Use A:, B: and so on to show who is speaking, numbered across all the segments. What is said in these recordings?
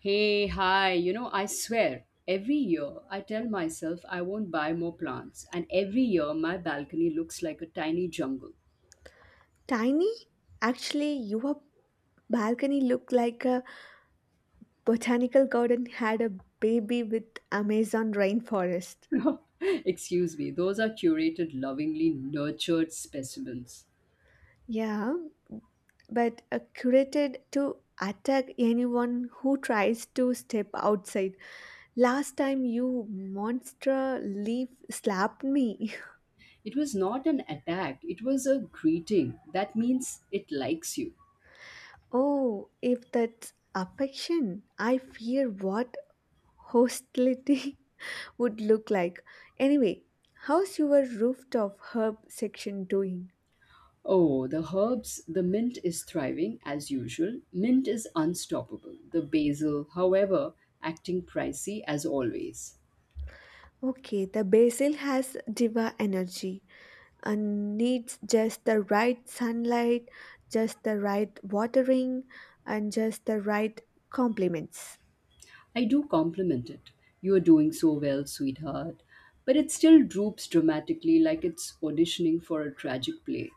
A: Hey, hi, you know, I swear, every year I tell myself I won't buy more plants, and every year my balcony looks like a tiny jungle.
B: Tiny? Actually, your balcony looked like a botanical garden had a baby with Amazon rainforest.
A: Excuse me, those are curated, lovingly nurtured specimens.
B: Yeah, but curated to attack anyone who tries to step outside. Last time you monster leaf slapped me.
A: It was not an attack, it was a greeting. That means it likes you.
B: Oh, if that's affection, I fear what hostility would look like. Anyway, how's your rooftop herb section doing?
A: Oh, the herbs, the mint is thriving as usual. Mint is unstoppable. The basil, however, acting pricey as always.
B: Okay, the basil has diva energy and needs just the right sunlight, just the right watering, and just the right compliments.
A: I do compliment it. You're doing so well, sweetheart. But it still droops dramatically like it's auditioning for a tragic play.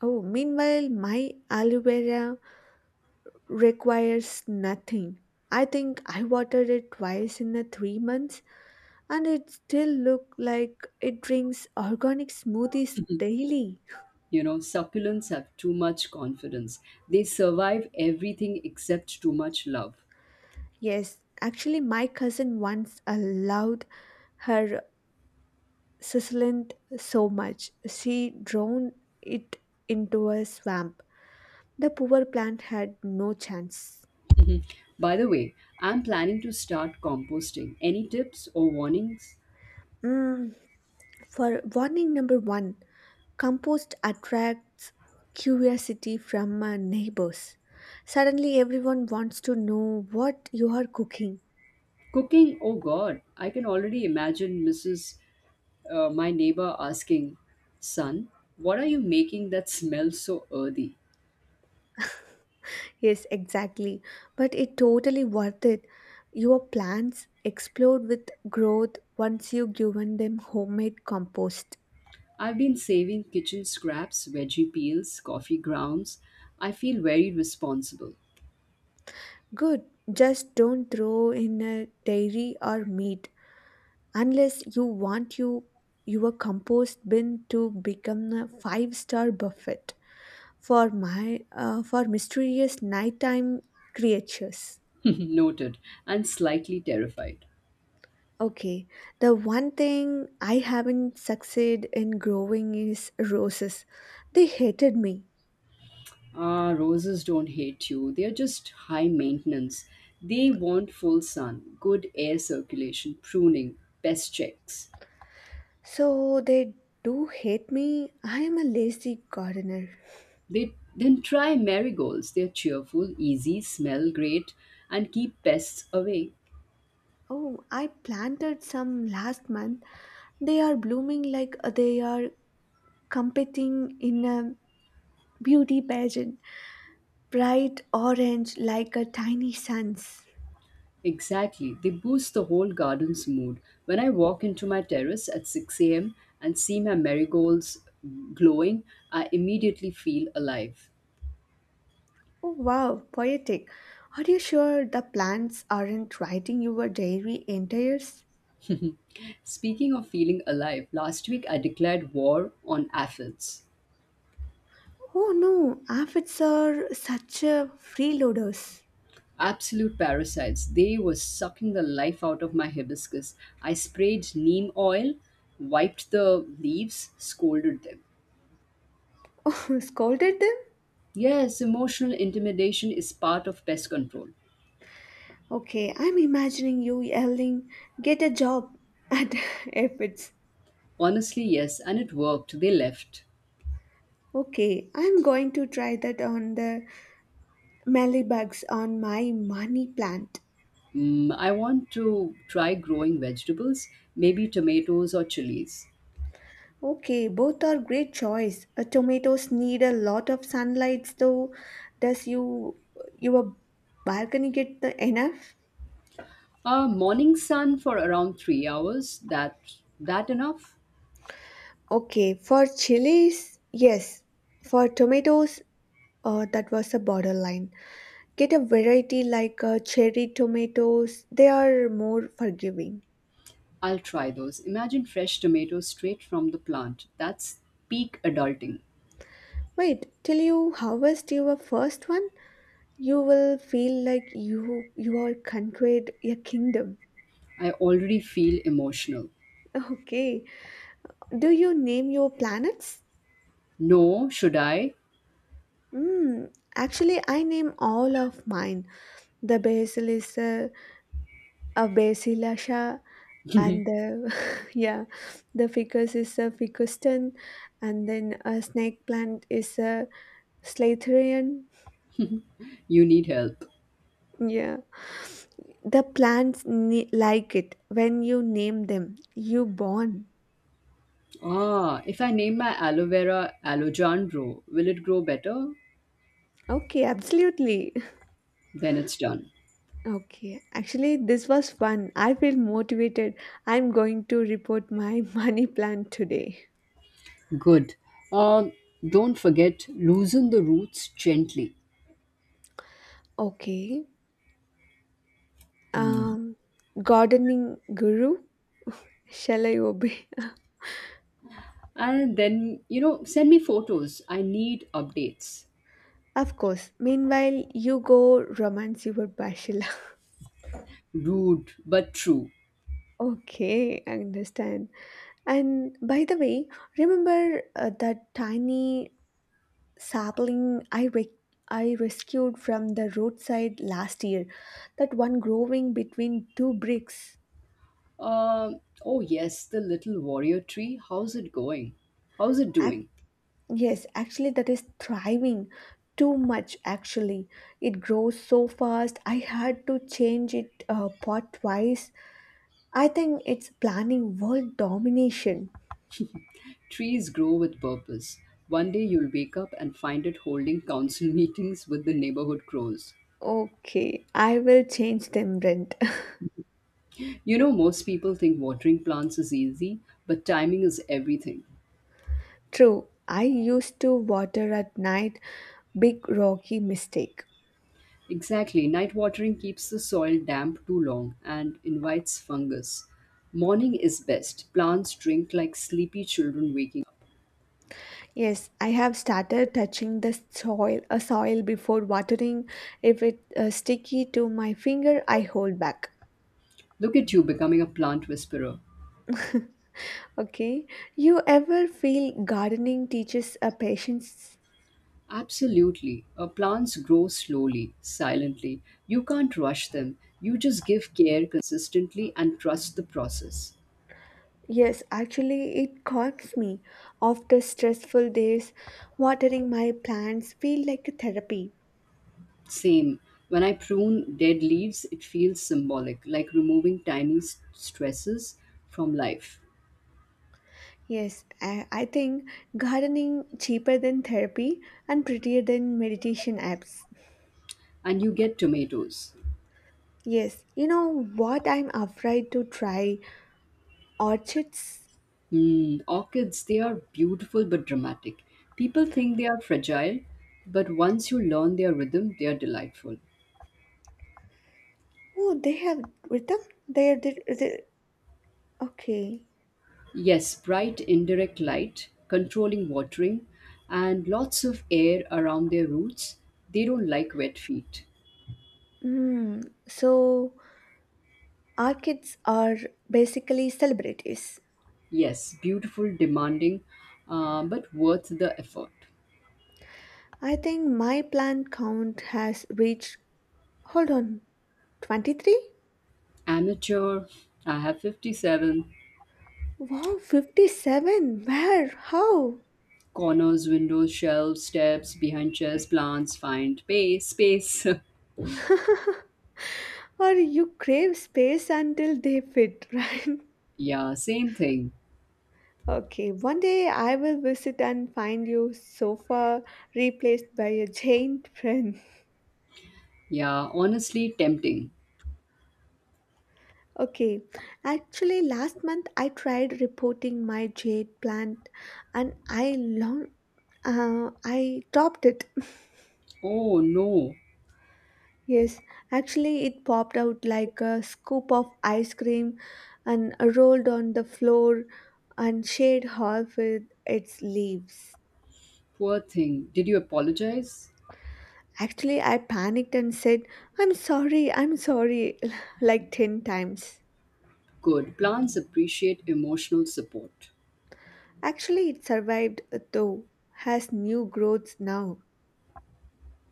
B: Oh, meanwhile, my aloe vera requires nothing. I think I watered it twice in the 3 months, and it still look like it drinks organic smoothies daily.
A: You know, succulents have too much confidence. They survive everything except too much love.
B: Yes, actually, my cousin once allowed her succulent so much. She drowned it into a swamp. The poor plant had no chance.
A: By the way, I'm planning to start composting. Any tips or warnings?
B: Mm, for warning number one, compost attracts curiosity from neighbors. Suddenly, everyone wants to know what you are cooking.
A: Cooking, oh god, I can already imagine Mrs. My neighbor asking, son, what are you making that smells so earthy?
B: Yes, exactly. But it totally worth it. Your plants explode with growth once you have given them homemade compost.
A: I've been saving kitchen scraps, veggie peels, coffee grounds. I feel very responsible.
B: Good. Just don't throw in a dairy or meat unless you want your compost bin to become a five-star buffet for my for mysterious nighttime creatures.
A: Noted, and slightly terrified.
B: Okay, the one thing I haven't succeeded in growing is roses. They hated me.
A: Ah, roses don't hate you, they're just high maintenance. They want full sun, good air circulation, pruning, pest checks.
B: So they do hate me. I am a lazy gardener.
A: They then try marigolds. They're cheerful, easy, smell great, and keep pests away.
B: Oh, I planted some last month. They are blooming like they are competing in a beauty pageant. Bright orange like a tiny suns.
A: Exactly. They boost the whole garden's mood. When I walk into my terrace at 6 a.m. and see my marigolds glowing, I immediately feel alive.
B: Oh wow, poetic. Are you sure the plants aren't writing your diary entries?
A: Speaking of feeling alive, last week I declared war on aphids.
B: Oh no, aphids are such a freeloaders.
A: Absolute parasites. They were sucking the life out of my hibiscus. I sprayed neem oil, wiped the leaves, scolded them.
B: Oh, scolded them?
A: Yes, emotional intimidation is part of pest control.
B: Okay, I'm imagining you yelling, get a job at aphids.
A: Honestly, yes, and it worked. They left.
B: Okay, I'm going to try that on the bugs on my money plant.
A: I want to try growing vegetables, maybe tomatoes or chilies.
B: Okay, both are great choice. Tomatoes need a lot of sunlight though. Does your balcony get the enough?
A: Morning sun for around 3 hours. That enough?
B: Okay, for chilies, yes. For tomatoes, that was a borderline. Get a variety like cherry tomatoes, they are more forgiving.
A: I'll try those. Imagine fresh tomatoes straight from the plant. That's peak adulting.
B: Wait till you harvest your first one, you will feel like you are conquered a kingdom.
A: I already feel emotional.
B: Okay. Do you name your planets?
A: No, should I?
B: Hmm. Actually, I name all of mine. The basil is a basilasha, and the yeah, the ficus is a ficuston, and then a snake plant is a Slytherin,
A: You need help.
B: yeah. Like it when you name them. You born.
A: Ah, if I name my aloe vera Alojandro, will it grow better?
B: Okay, absolutely.
A: Then it's done.
B: Okay, actually, this was fun. I feel motivated. I'm going to report my money plant today.
A: Good. Um, don't forget, loosen the roots gently.
B: Okay.
A: Mm.
B: Um, Gardening guru, shall I obey?
A: And then send me photos. I need updates.
B: Of course. Meanwhile, you go romance your bachelor.
A: Rude, but true.
B: Okay, I understand. And by the way, remember that tiny sapling I rescued from the roadside last year? That one growing between two bricks.
A: Um, oh, yes, the little warrior tree. How's it going? How's it
B: Ac-
A: doing?
B: yes, actually, that is thriving. Too much, actually. It grows so fast. I had to change it pot twice. I think it's planning world domination.
A: Trees grow with purpose. One day you'll wake up and find it holding council meetings with the neighborhood crows.
B: Okay, I will change them, Brent.
A: You know, most people think watering plants is easy, but timing is everything.
B: True, I used to water at night, big rocky mistake.
A: Exactly. Night watering keeps the soil damp too long and invites fungus. Morning is best. Plants drink like sleepy children waking up.
B: Yes, I have started touching the soil before watering. If it sticky to my finger, I hold back.
A: Look at you becoming a plant whisperer.
B: Okay, you ever feel gardening teaches a patience?
A: Absolutely. Plants grow slowly, silently. You can't rush them. You just give care consistently and trust the process.
B: Yes, actually, it calms me. After stressful days, watering my plants feel like a therapy.
A: Same. When I prune dead leaves, it feels symbolic, like removing tiny stresses from life.
B: Yes, I think gardening cheaper than therapy and prettier than meditation apps.
A: And you get tomatoes.
B: Yes, you know what I'm afraid to try orchids.
A: Hmm, orchids, they are beautiful but dramatic. People think they are fragile, but once you learn their rhythm, they are delightful.
B: Oh, they have rhythm. They okay.
A: Yes, bright indirect light, controlling watering, and lots of air around their roots. They don't like wet feet.
B: Hmm. So orchids are basically celebrities.
A: Yes, beautiful, demanding, but worth the effort.
B: I think my plant count has reached. Hold on, 23.
A: Amateur, I have 57.
B: Wow, 57. Where? How?
A: Corners, windows, shelves, steps, behind chairs, plants, find space.
B: Or you crave space until they fit, right?
A: Yeah, same thing.
B: Okay, one day I will visit and find your sofa replaced by a giant friend.
A: Yeah, honestly tempting.
B: Okay, actually, last month I tried reporting my jade plant and I topped it.
A: Oh no,
B: Yes, actually, it popped out like a scoop of ice cream and rolled on the floor and shade half with its leaves.
A: poor thing. Did you apologize?
B: Actually, I panicked and said, I'm sorry, like 10 times.
A: Good. Plants appreciate emotional support.
B: Actually, it survived though, has new growths now.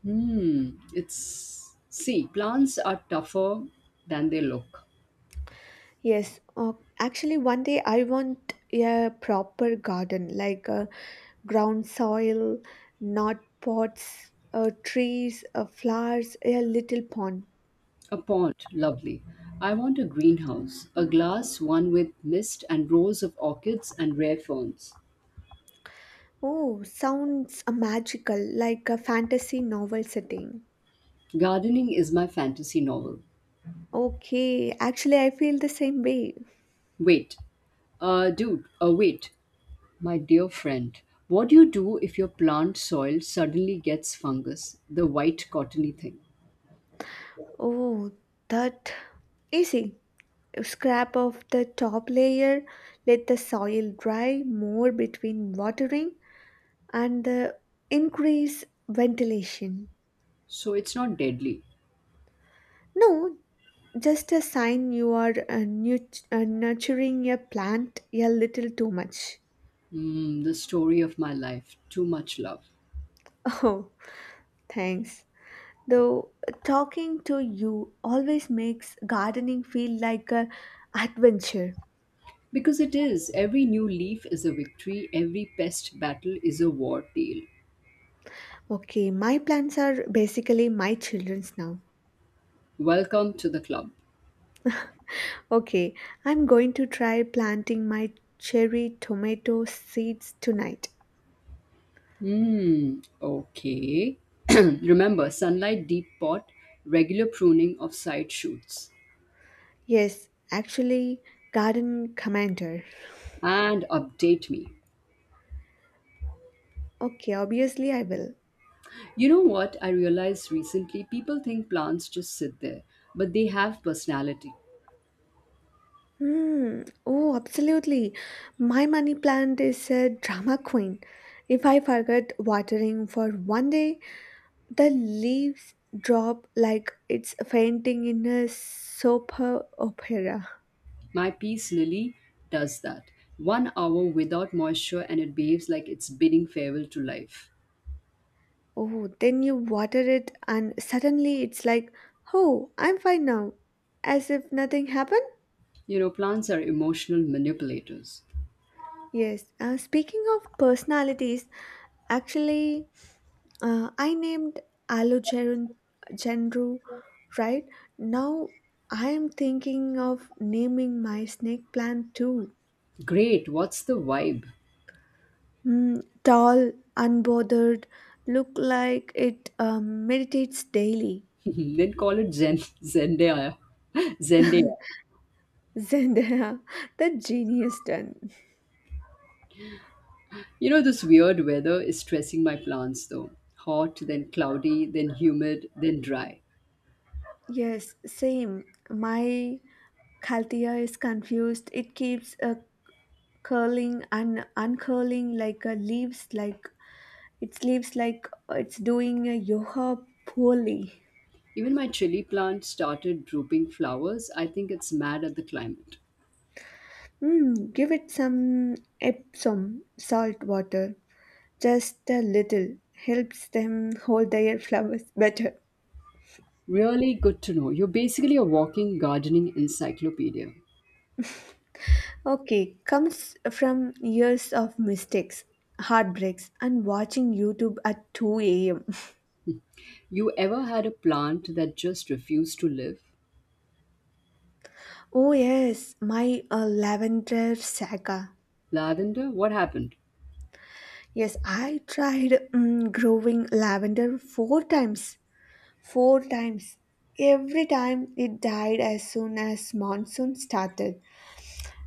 A: Hmm, it's. See, plants are tougher than they look.
B: Yes, actually, one day I want a proper garden, like ground soil, not pots, trees, flowers, a little pond.
A: A pond, lovely. I want a greenhouse, a glass one with mist and rows of orchids and rare ferns.
B: Oh, sounds magical, like a fantasy novel setting.
A: Gardening is my fantasy novel.
B: Okay, actually, I feel the same way.
A: Wait, dude, wait. My dear friend, what do you do if your plant soil suddenly gets fungus, the white cottony thing?
B: Oh, that easy. Scrap off the top layer, let the soil dry more between watering and the increase ventilation.
A: So it's not deadly.
B: No, just a sign you are nurturing a plant a little too much.
A: Mm, the story of my life. Too much love.
B: Oh, thanks. Though talking to you always makes gardening feel like a adventure.
A: Because it is. Every new leaf is a victory, every pest battle is a war tale.
B: Okay, my plants are basically my children's now.
A: Welcome to the club.
B: Okay, I'm going to try planting my cherry tomato seeds tonight.
A: Hmm, okay. Remember, sunlight deep pot, regular pruning of side shoots.
B: Yes, actually, garden commander.
A: And update me.
B: Okay, obviously I will.
A: You know what I realized recently? People think plants just sit there, but they have personality.
B: Hmm. Oh, absolutely. My money plant is a drama queen. If I forget watering for 1 day, the leaves drop like it's fainting in a soap opera.
A: My peace lily does that. One hour without moisture and it behaves like it's bidding farewell to life.
B: Oh, then you water it, and suddenly it's like, oh, I'm fine now, as if nothing happened.
A: You know, plants are emotional manipulators.
B: Yes, speaking of personalities, actually, I named Alogeron Gendru, right? Now I am thinking of naming my snake plant too.
A: Great, what's the vibe?
B: Hmm, tall, unbothered, look like it meditates daily.
A: Then call it Zendaya. Zendaya.
B: Zendaya, the genius done.
A: You know, this weird weather is stressing my plants though. Hot, then cloudy, then humid, then dry.
B: Yes, same. My Calthea is confused. It keeps curling and uncurling like a leaves, like its leaves, like it's doing a yoga poorly.
A: Even my chili plant started drooping flowers. I think it's mad at the climate.
B: Mm, give it some Epsom salt water, just a little. Helps them hold their flowers better.
A: Really good to know. You're basically a walking gardening encyclopedia.
B: Okay, comes from years of mistakes, heartbreaks, and watching YouTube at 2 a.m.
A: You ever had a plant that just refused to live?
B: Oh, yes, my lavender saga.
A: Lavender? What happened?
B: Yes, I tried growing lavender 4 times. 4 times. Every time it died as soon as monsoon started.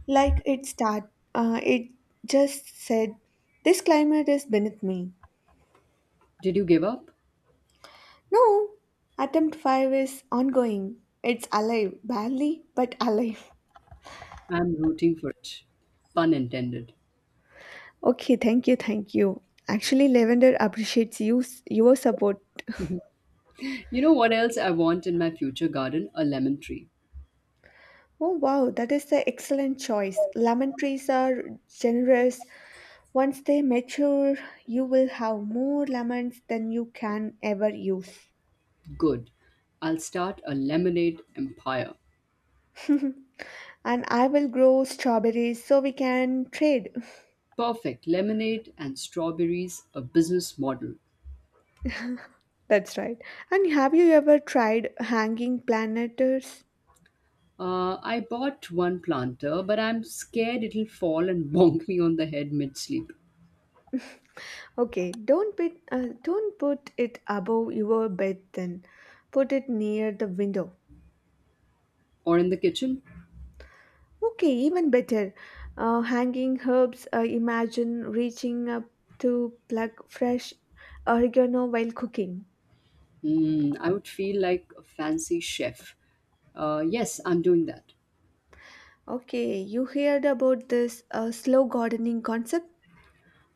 B: It just said, "This climate is beneath me."
A: Did you give up?
B: No, attempt five is ongoing. It's alive, barely, but alive.
A: I'm rooting for it. Pun intended.
B: Okay, thank you, thank you. Actually, lavender appreciates you, your support.
A: You know what else I want in my future garden? A lemon tree.
B: Oh wow, that is an excellent choice. Lemon trees are generous. Once they mature, you will have more lemons than you can ever use.
A: Good. I'll start a lemonade empire.
B: And I will grow strawberries so we can trade.
A: Perfect. Lemonade and strawberries, a business model.
B: That's right. And have you ever tried hanging planters?
A: I bought one planter, but I'm scared it'll fall and bonk me on the head mid sleep.
B: Okay, don't put it above your bed then. Put it near the window.
A: Or in the kitchen?
B: Okay, even better. Hanging herbs, imagine reaching up to pluck fresh oregano while cooking.
A: Mm, I would feel like a fancy chef. Yes, I'm doing that.
B: Okay, you heard about this slow gardening concept?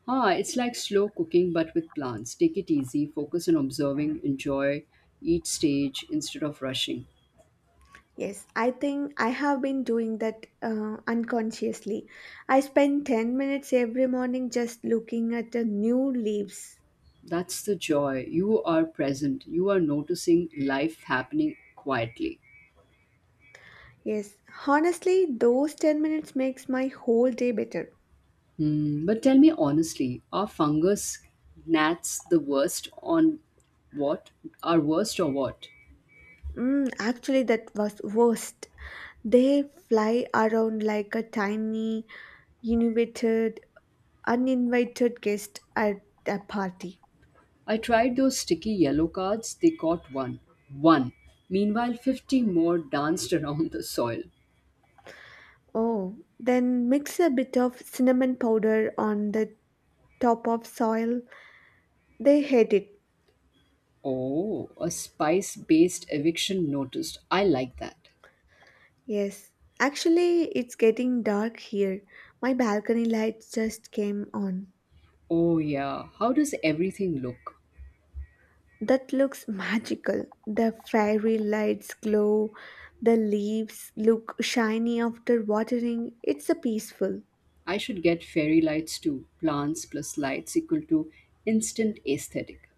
A: Ah, it's like slow cooking but with plants. Take it easy, focus on observing, enjoy each stage instead of rushing.
B: Yes, I think I have been doing that unconsciously. I spend 10 minutes every morning just looking at the new leaves.
A: That's the joy. You are present, you are noticing life happening quietly.
B: Yes, honestly, those 10 minutes makes my whole day better.
A: Hmm, but tell me honestly, are fungus gnats the worst on what? Are worst or what?
B: Mm, actually, that was worst. They fly around like a tiny, invited, uninvited guest at a party.
A: I tried those sticky yellow cards, they caught one. One. Meanwhile, 50 more danced around the soil.
B: Oh, then mix a bit of cinnamon powder on the top of soil. They hate it.
A: Oh, a spice based eviction notice. I like that.
B: Yes. Actually, it's getting dark here. My balcony lights just came on.
A: Oh, yeah. How does everything look?
B: That looks magical. The fairy lights glow, the leaves look shiny after watering. It's a peaceful.
A: I should get fairy lights too. Plants plus lights equal to instant aesthetic.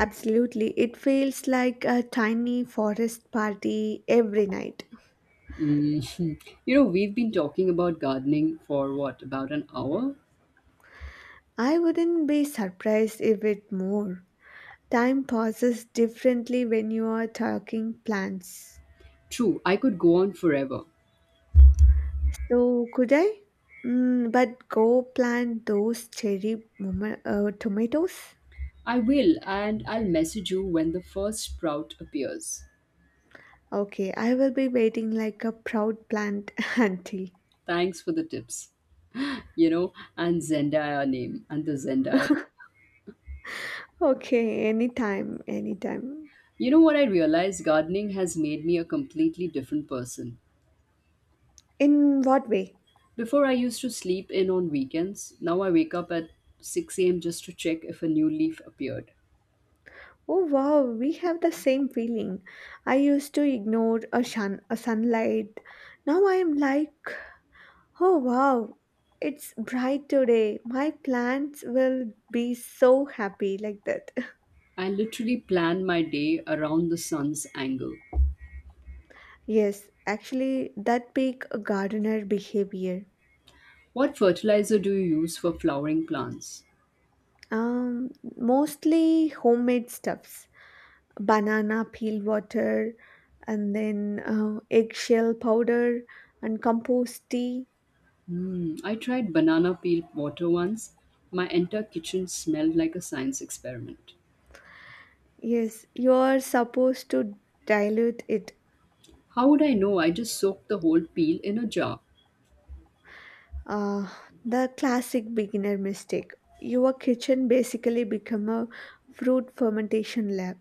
B: Absolutely, it feels like a tiny forest party every night.
A: Mhm. You know, we've been talking about gardening for what, about an hour?
B: I wouldn't be surprised if it more. Time passes differently when you are talking plants.
A: True, I could go on forever.
B: So could I? Mm, but go plant those cherry tomatoes.
A: I will, and I'll message you when the first sprout appears.
B: Okay, I will be waiting like a proud plant auntie.
A: Thanks for the tips. You know, and Zendaya name, and the Zendaya name.
B: Okay, anytime, anytime.
A: You know what I realized? Gardening has made me a completely different person.
B: In what way?
A: Before, I used to sleep in on weekends. Now, I wake up at 6 a.m. just to check if a new leaf appeared.
B: Oh wow, we have the same feeling. I used to ignore a sunlight. Now I am like, oh wow, it's bright today. My plants will be so happy like that.
A: I literally plan my day around the sun's angle.
B: Yes, actually, that big gardener behavior.
A: What fertilizer do you use for flowering plants?
B: Um, Mostly homemade stuffs. Banana peel water and then eggshell powder and compost tea.
A: Hmm, I tried banana peel water once. My entire kitchen smelled like a science experiment.
B: Yes, you are supposed to dilute it.
A: How would I know? I just soaked the whole peel in a jar.
B: uh, the classic beginner mistake, your kitchen basically become a fruit fermentation lab.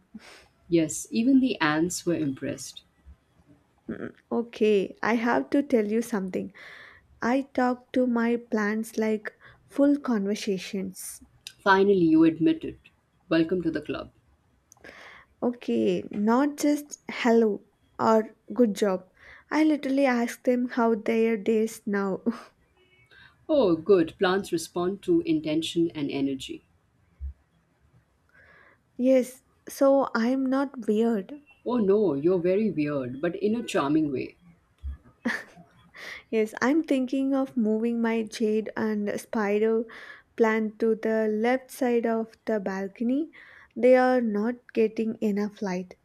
A: Yes, even the ants were impressed.
B: Mm, okay, I have to tell you something. I talk to my plants like full conversations.
A: Finally, you admit it. Welcome to the club.
B: Okay, not just hello or good job. I literally ask them how their days now.
A: Oh, good. Plants respond to intention and energy.
B: Yes, so I'm not weird.
A: Oh no, you're very weird, but in a charming way.
B: Yes, I'm thinking of moving my jade and spider plant to the left side of the balcony. They are not getting enough light.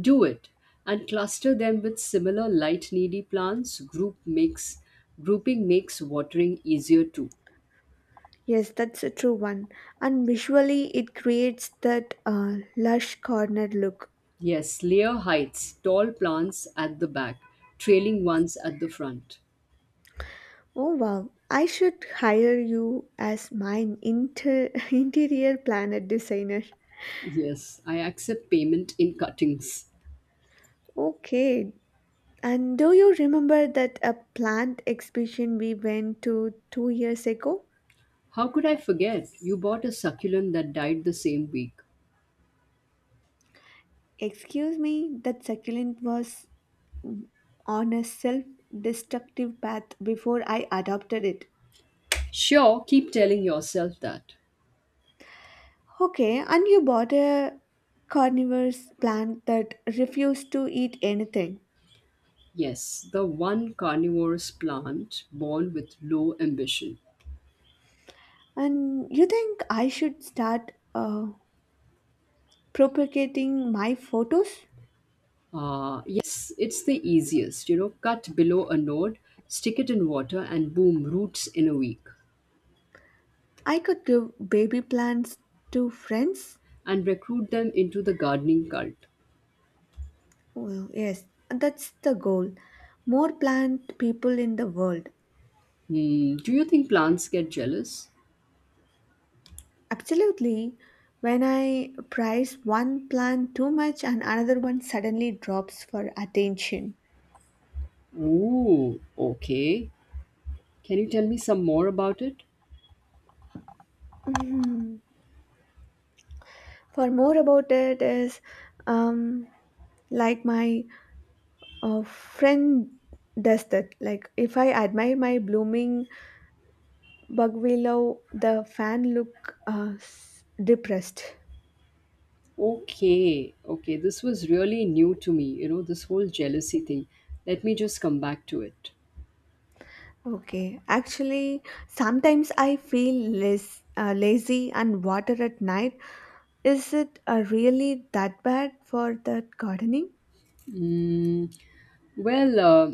A: Do it and cluster them with similar light needy plants. Grouping makes watering easier too.
B: Yes, that's a true one. And visually, it creates that lush corner look.
A: Yes, layer heights, tall plants at the back, trailing ones at the front.
B: Oh wow, I should hire you as my interior planet designer.
A: Yes, I accept payment in cuttings.
B: Okay, and do you remember that a plant exhibition we went to 2 years ago?
A: How could I forget? You bought a succulent that died the same week.
B: Excuse me, that succulent was on a self destructive path before I adopted it.
A: Sure, keep telling yourself that.
B: Okay, and you bought a carnivorous plant that refused to eat anything.
A: Yes, the one carnivorous plant born with low ambition.
B: And you think I should start propagating my photos.
A: Yes, it's the easiest. You know, cut below a node, stick it in water, and boom, roots in a week.
B: I could give baby plants to friends.
A: And recruit them into the gardening cult.
B: Oh, yes, that's the goal. More plant people in the world.
A: Hmm, do you think plants get jealous?
B: Absolutely. When I price one plant too much and another one suddenly drops for attention.
A: Ooh, okay. Can you tell me some more about it?
B: Hmm. For more about it is um, like my friend does that. Like if I admire my blooming Bugwillow, the fan look depressed.
A: Okay, okay. This was really new to me, you know, this whole jealousy thing. Let me just come back to it.
B: Okay, actually, sometimes I feel less lazy and water at night. Is it really that bad for that gardening?
A: Mm, Well, uh,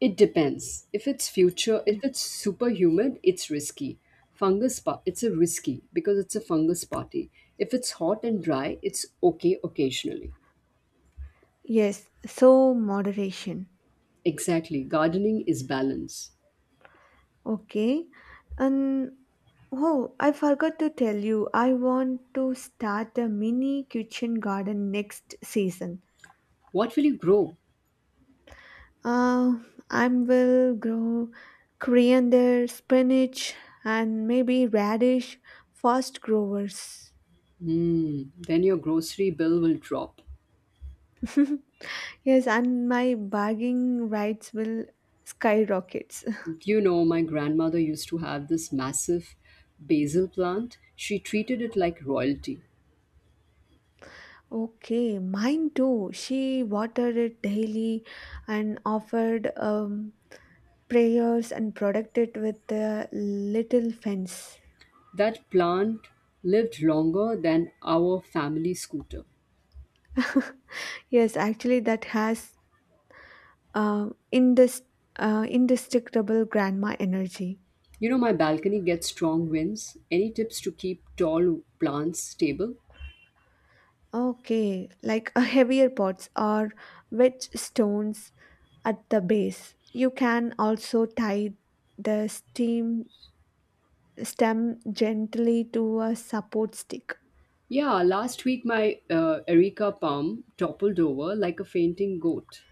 A: It depends. If it's future, if it's super humid, it's risky. Fungus, it's a risky because it's a fungus party. If it's hot and dry, it's okay occasionally.
B: Yes, so moderation.
A: Exactly. Gardening is balance.
B: Okay, and oh, I forgot to tell you, I want to start a mini kitchen garden next season.
A: What will you grow?
B: Uh, I will grow coriander, spinach, and maybe radish, fast growers.
A: Hmm. Then your grocery bill will drop.
B: Yes, and my bargaining rights will skyrockets.
A: You know, my grandmother used to have this massive basil plant? She treated it like royalty.
B: Okay, mine too. She watered it daily and offered prayers and protected it with a little fence.
A: That plant lived longer than our family scooter.
B: Yes, actually, that has uh, indis- indestructible grandma energy.
A: You know, my balcony gets strong winds. Any tips to keep tall plants stable?
B: Okay, like a heavier pots or wedge stones at the base. You can also tie the steam stem gently to a support stick.
A: Yeah, last week my Erica palm toppled over like a fainting goat.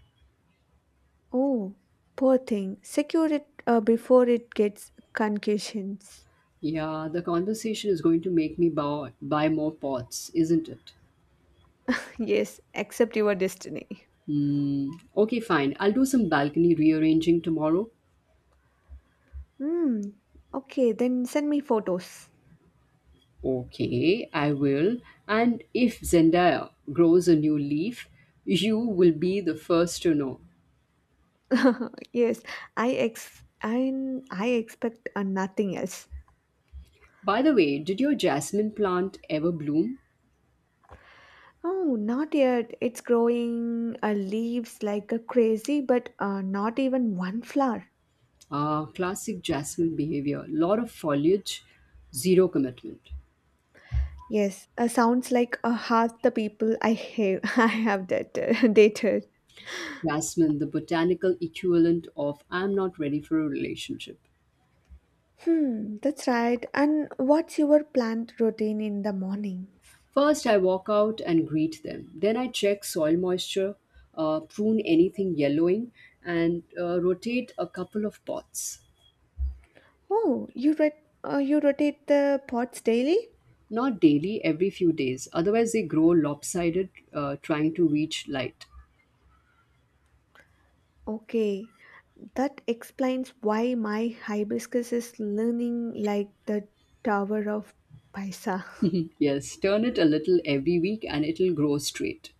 B: Oh, poor thing. Secure it before it gets concussions.
A: Yeah, the conversation is going to make me buy more pots, isn't it?
B: Yes, accept your destiny.
A: Hmm. Okay, fine. I'll do some balcony rearranging tomorrow.
B: Hmm. Okay, then send me photos.
A: Okay, I will. And if Zendaya grows a new leaf, you will be the first to know.
B: Yes, I ex I expect nothing else.
A: By the way, did your jasmine plant ever bloom?
B: Oh, not yet. It's growing leaves like a crazy, but not even one flower.
A: Classic jasmine behavior. Lot of foliage, zero commitment.
B: Yes, sounds like half the people I have I have dated. dated.
A: Jasmine, the botanical equivalent of I'm not ready for a relationship.
B: Hmm, that's right. And what's your plant routine in the mornings?
A: First, I walk out and greet them. Then I check soil moisture, prune anything yellowing, and rotate a couple of pots.
B: Oh, you rotate the pots daily?
A: Not daily, every few days. Otherwise, they grow lopsided, trying to reach light.
B: Okay, that explains why my hibiscus is leaning like the Tower of Pisa.
A: Yes, turn it a little every week and it'll grow straight.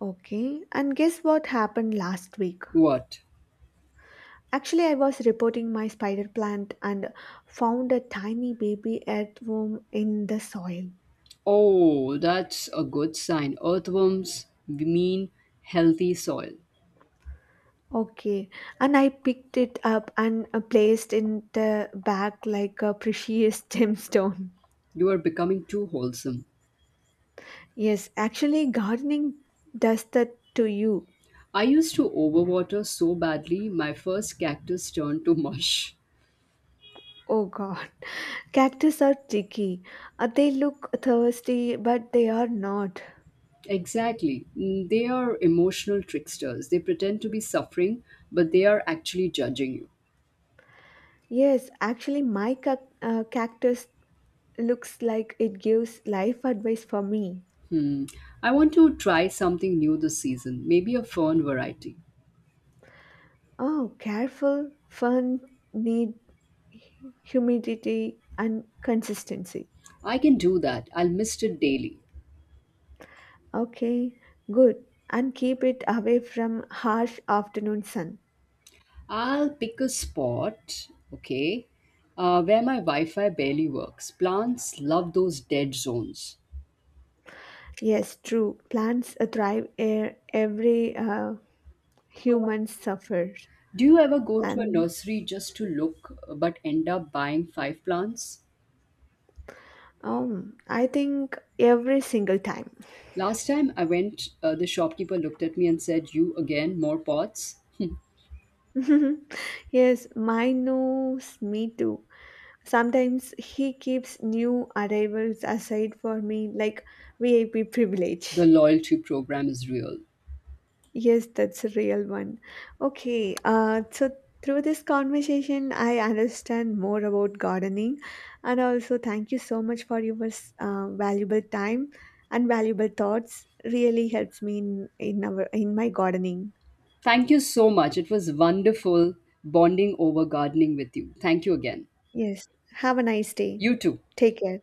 B: Okay, and guess what happened last week?
A: What?
B: Actually, I was reporting my spider plant and found a tiny baby earthworm in the soil.
A: Oh, that's a good sign. Earthworms mean healthy soil.
B: Okay, and I picked it up and placed in the bag like a precious gemstone.
A: You are becoming too wholesome.
B: Yes, actually, gardening does that to you.
A: I used to overwater so badly, my first cactus turned to mush.
B: Oh God, cactus are tricky. They look thirsty, but they are not.
A: Exactly. Mm, they are emotional tricksters. They pretend to be suffering, but they are actually judging you.
B: Yes, actually, my cactus looks like it gives life advice for me.
A: Hmm. I want to try something new this season, maybe a fern variety.
B: Oh, careful, fun, need humidity and consistency.
A: I can do that. I'll mist it daily.
B: Okay, good. And keep it away from harsh afternoon sun.
A: I'll pick a spot, okay, where my Wi Fi barely works. Plants love those dead zones.
B: Yes, true. Plants thrive air every human suffers.
A: Do you ever go to a
B: And
A: nursery just to look but end up buying five plants?
B: I think every single time.
A: Last time I went, the shopkeeper looked at me and said, you again, more pots?
B: Yes, mine knows me too. Sometimes he keeps new arrivals aside for me, like VIP
A: The
B: privilege.
A: loyalty program is real.
B: Yes, that's a real one. Okay, so through this conversation, I understand more about gardening, and also thank you so much for your valuable time and valuable thoughts. Really helps me in my gardening.
A: Thank you so much. It was wonderful bonding over gardening with you. Thank you again.
B: Yes, have a nice day.
A: You too.
B: Take care.